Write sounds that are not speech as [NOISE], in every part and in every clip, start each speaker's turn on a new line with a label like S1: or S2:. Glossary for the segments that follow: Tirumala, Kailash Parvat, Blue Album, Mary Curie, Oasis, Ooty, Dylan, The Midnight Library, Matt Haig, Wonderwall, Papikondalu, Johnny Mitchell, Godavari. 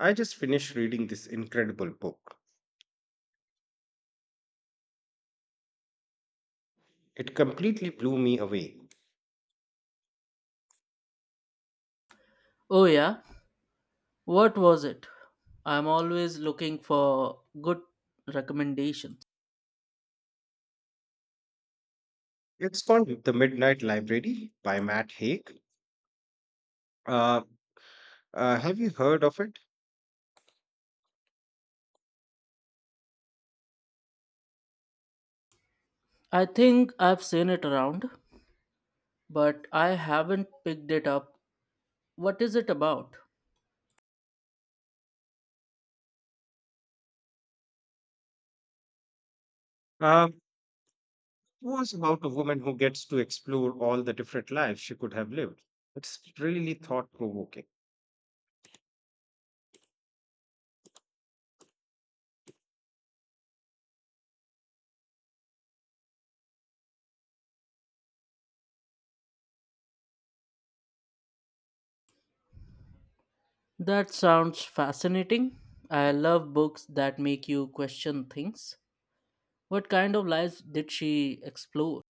S1: I just finished reading this incredible book. It completely blew me away.
S2: Oh, yeah. What was it? I'm always looking for good recommendations.
S1: It's called The Midnight Library by Matt Haig. Uh, have you heard of it?
S2: I think I've seen it around, but I haven't picked it up. What is it about?
S1: It was about a woman who gets to explore all the different lives she could have lived. It's really thought provoking,
S2: That sounds fascinating. I love books that make you question things. What kind of lives did she explore?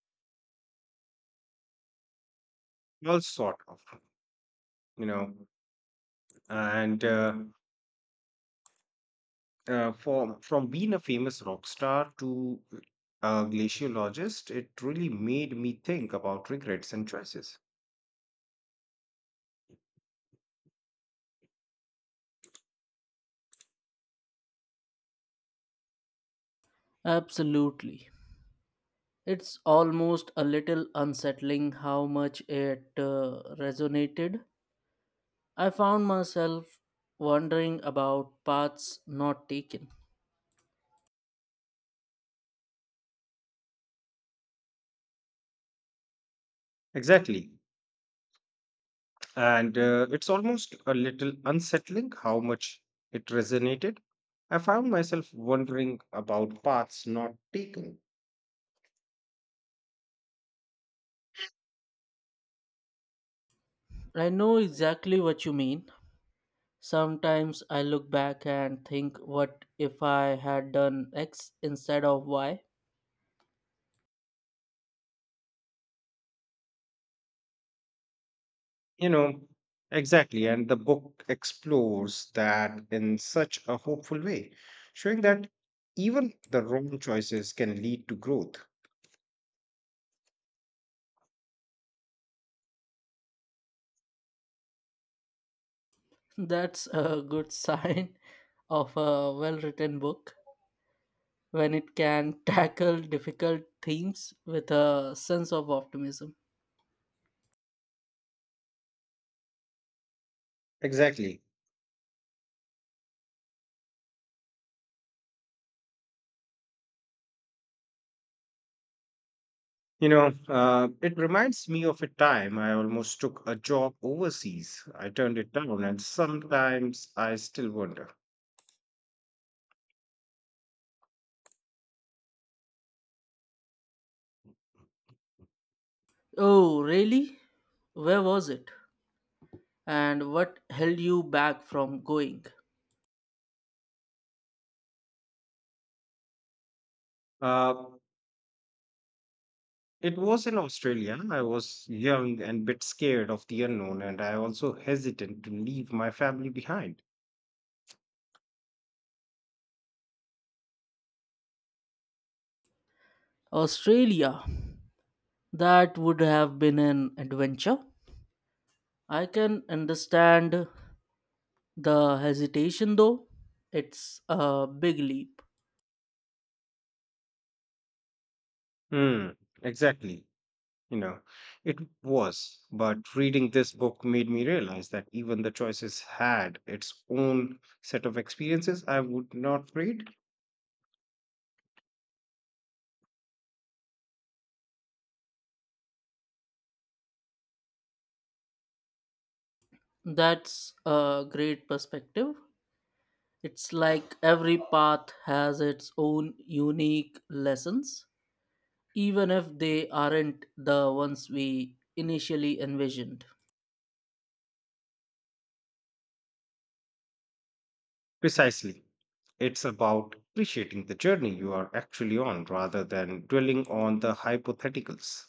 S1: all sort of, you know. and from being a famous rock star to a glaciologist, it really made me think about regrets and choices.
S2: Absolutely. It's almost a little unsettling how much it resonated. I found myself wondering about paths not taken.
S1: Exactly. And it's almost a little unsettling how much it resonated. I found myself wondering about paths not taken.
S2: I know exactly what you mean. Sometimes I look back and think, what if I had done X instead of Y?
S1: You know, exactly. And the book explores that in such a hopeful way, showing that even the wrong choices can lead to growth.
S2: [LAUGHS] That's a good sign of a well written book when it can [LAUGHS] tackle difficult themes with a sense of optimism.
S1: Exactly. It reminds me of a time I almost took a job overseas. I turned it down, and sometimes I still wonder.
S2: Oh, really? Where was it? And what held you back from going?
S1: Uh, it was in Australia. I was young and bit scared of the unknown, and I also hesitant to leave my family behind.
S2: Australia. That would have been an adventure. I can understand the hesitation though. It's a big leap.
S1: Hmm, exactly. You know, it was, but reading this book made me realize that even the choices had its own set of experiences I would not read.
S2: That's a great perspective. It's like every path has its own unique lessons, even if they aren't the ones we initially envisioned.
S1: Precisely. It's about appreciating the journey you are actually on rather than dwelling on the hypotheticals.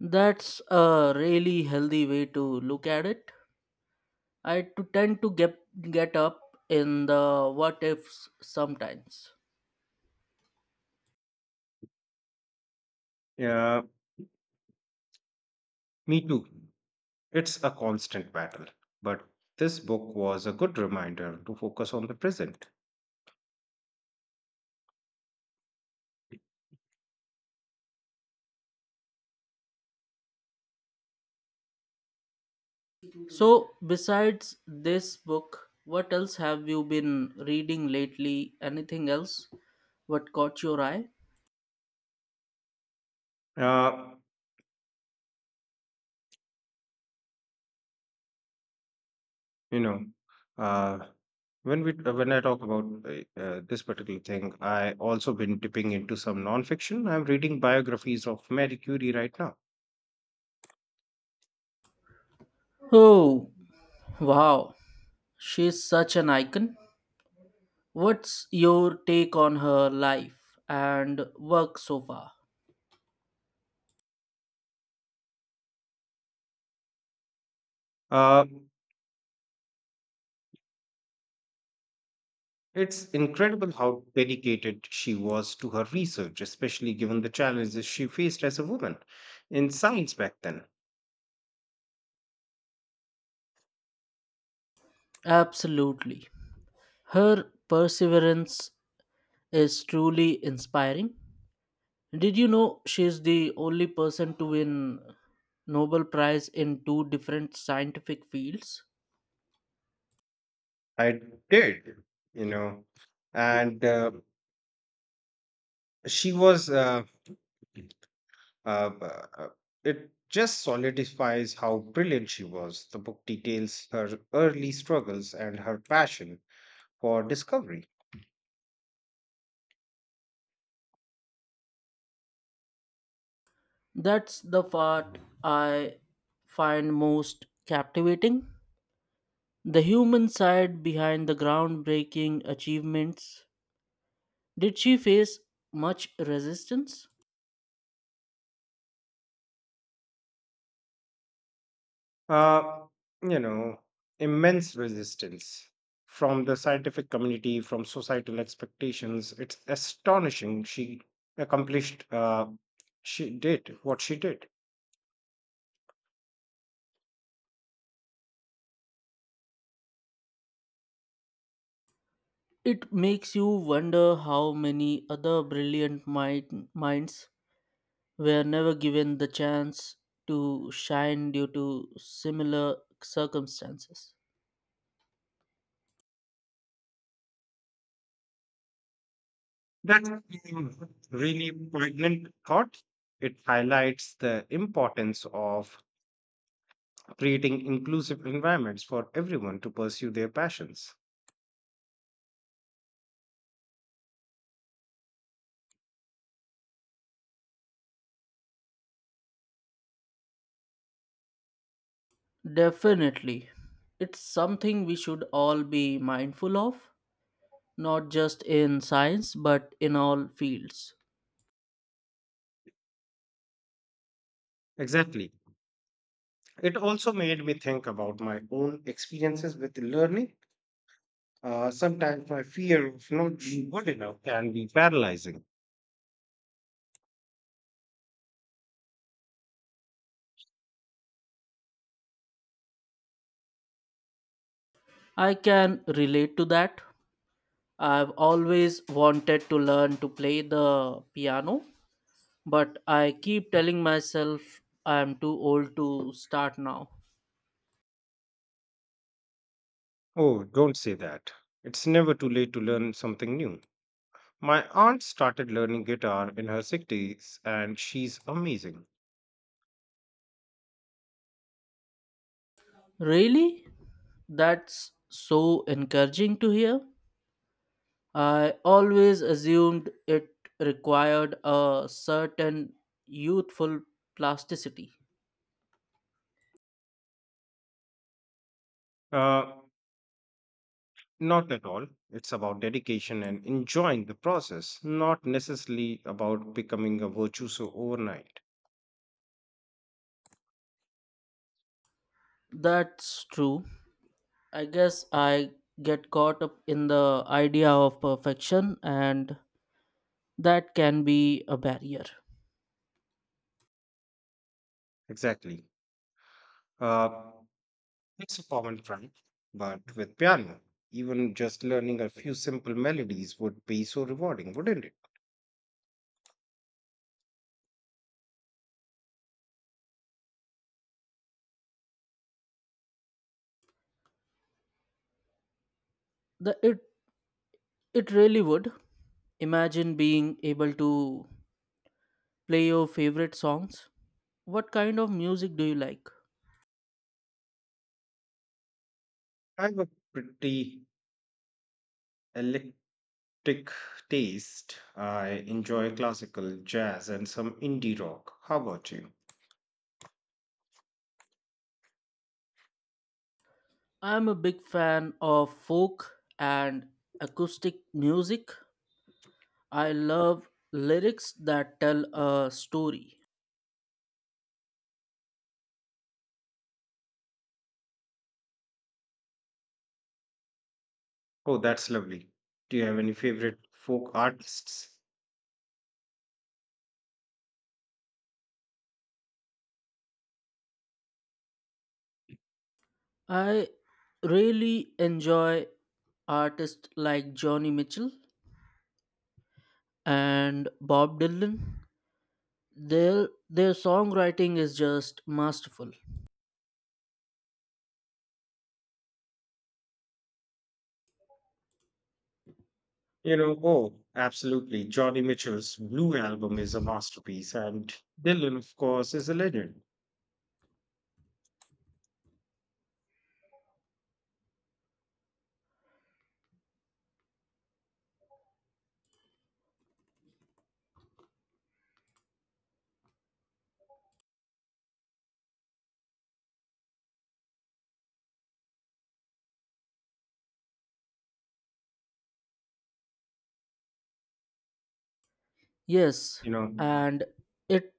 S2: That's a really healthy way to look at it. I to tend to get up in the what ifs sometimes.
S1: Yeah, me too. It's a constant battle, but this book was a good reminder to focus on the present.
S2: So, besides this book, what else have you been reading lately? Anything else? What caught your eye?
S1: Uh, you know, uh, when I talk about this particular thing, I also been dipping into some nonfiction. I'm reading biographies of Mary Curie right now.
S2: Oh, wow. She's such an icon. What's your take on her life and work so far?
S1: Uh, it's incredible how dedicated she was to her research, especially given the challenges she faced as a woman in science back then.
S2: Absolutely. Her perseverance is truly inspiring. Did you know she's the only person to win Nobel Prize in two different scientific fields?
S1: I did, you know, and she was. Uh, b- uh, it just solidifies how brilliant she was. The book details her early struggles and her passion for discovery.
S2: That's the part I find most captivating. The human side behind the groundbreaking achievements. Did she face much resistance?
S1: uh, you know, immense resistance from the scientific community, from societal expectations. It's astonishing she accomplished, uh, she did what she did.
S2: It makes you wonder how many other brilliant minds were never given the chance to shine due to similar circumstances.
S1: That's a really poignant thought. It highlights the importance of creating inclusive environments for everyone to pursue their passions.
S2: Definitely. It's something we should all be mindful of, not just in science but in all fields.
S1: Exactly. It also made me think about my own experiences with learning. Sometimes my fear of not being good enough can be paralyzing.
S2: I can relate to that. I've always wanted to learn to play the piano, but I keep telling myself I'm too old to start now.
S1: Oh, don't say that. It's never too late to learn something new. My aunt started learning guitar in her 60s and she's amazing.
S2: Really? That's so encouraging to hear. I always assumed it required a certain youthful plasticity.
S1: Uh, Not at all. It's about dedication and enjoying the process, not necessarily about becoming a virtuoso overnight.
S2: That's true. I guess I get caught up in the idea of perfection, and that can be a barrier.
S1: Exactly. Uh, it's a common trend, but with piano, even just learning a few simple melodies would be so rewarding, wouldn't it?
S2: The, it, it really would. Imagine being able to play your favorite songs. What kind of music do you like?
S1: I have a pretty eclectic taste. I enjoy classical, jazz, and some indie rock. How about you?
S2: I'm a big fan of folk and acoustic music. I love lyrics that tell a story.
S1: Oh, that's lovely. Do you have any favorite folk artists?
S2: I really enjoy artists like Johnny Mitchell and Bob Dylan, their songwriting is just masterful.
S1: Absolutely. Johnny Mitchell's Blue Album is a masterpiece, and Dylan, of course, is a legend.
S2: Yes,
S1: You know,
S2: and it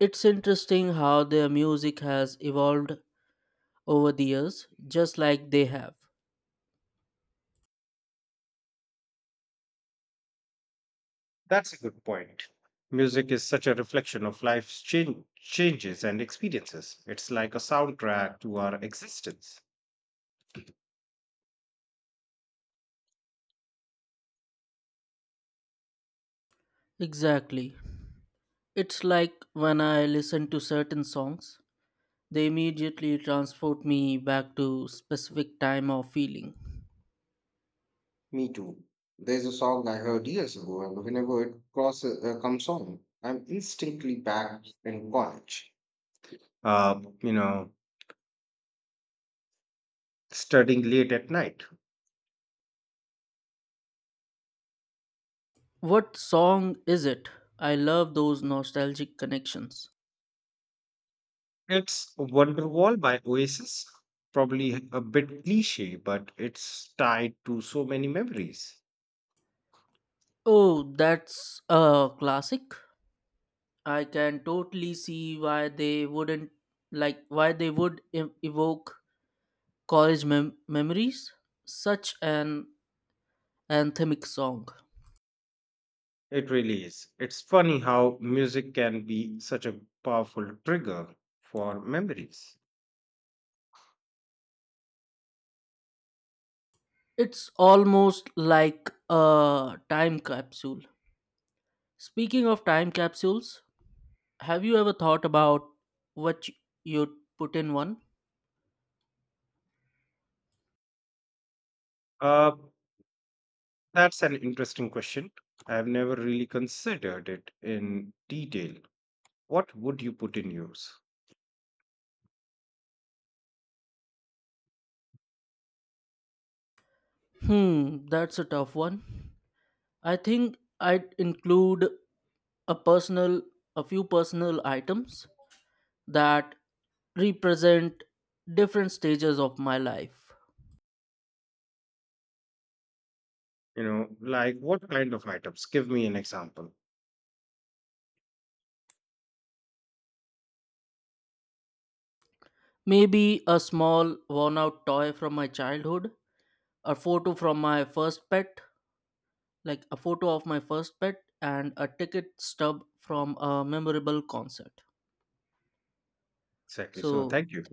S2: it's interesting how their music has evolved over the years, just like they have.
S1: that's a good point. Music is such a reflection of life's changes and experiences. It's like a soundtrack to our existence.
S2: Exactly. It's like when I listen to certain songs, they immediately transport me back to specific time or feeling.
S1: Me too. There's a song I heard years ago, and whenever comes on, I'm instantly back in college. Uh, you know, Studying late at night.
S2: What song is it? I love those nostalgic connections.
S1: It's Wonderwall by Oasis. Probably a bit cliche, but it's tied to so many memories.
S2: Oh, that's a classic. I can totally see why they wouldn't like why they would evoke college memories. Such an anthemic song.
S1: It really is. It's funny how music can be such a powerful trigger for memories.
S2: It's almost like a time capsule. Speaking of time capsules, have you ever thought about what y- you'd put in one?
S1: Uh, that's an interesting question. I've never really considered it in detail. What would you put in use?
S2: Hmm, that's a tough one. I think I'd include a personal, a few personal items that represent different stages of my life.
S1: Like what kind of items? Give me an example.
S2: Maybe a small worn out toy from my childhood, a photo from my first pet, like a photo of my first pet, and a ticket stub from a memorable concert.
S1: Exactly. So,
S2: So
S1: thank you.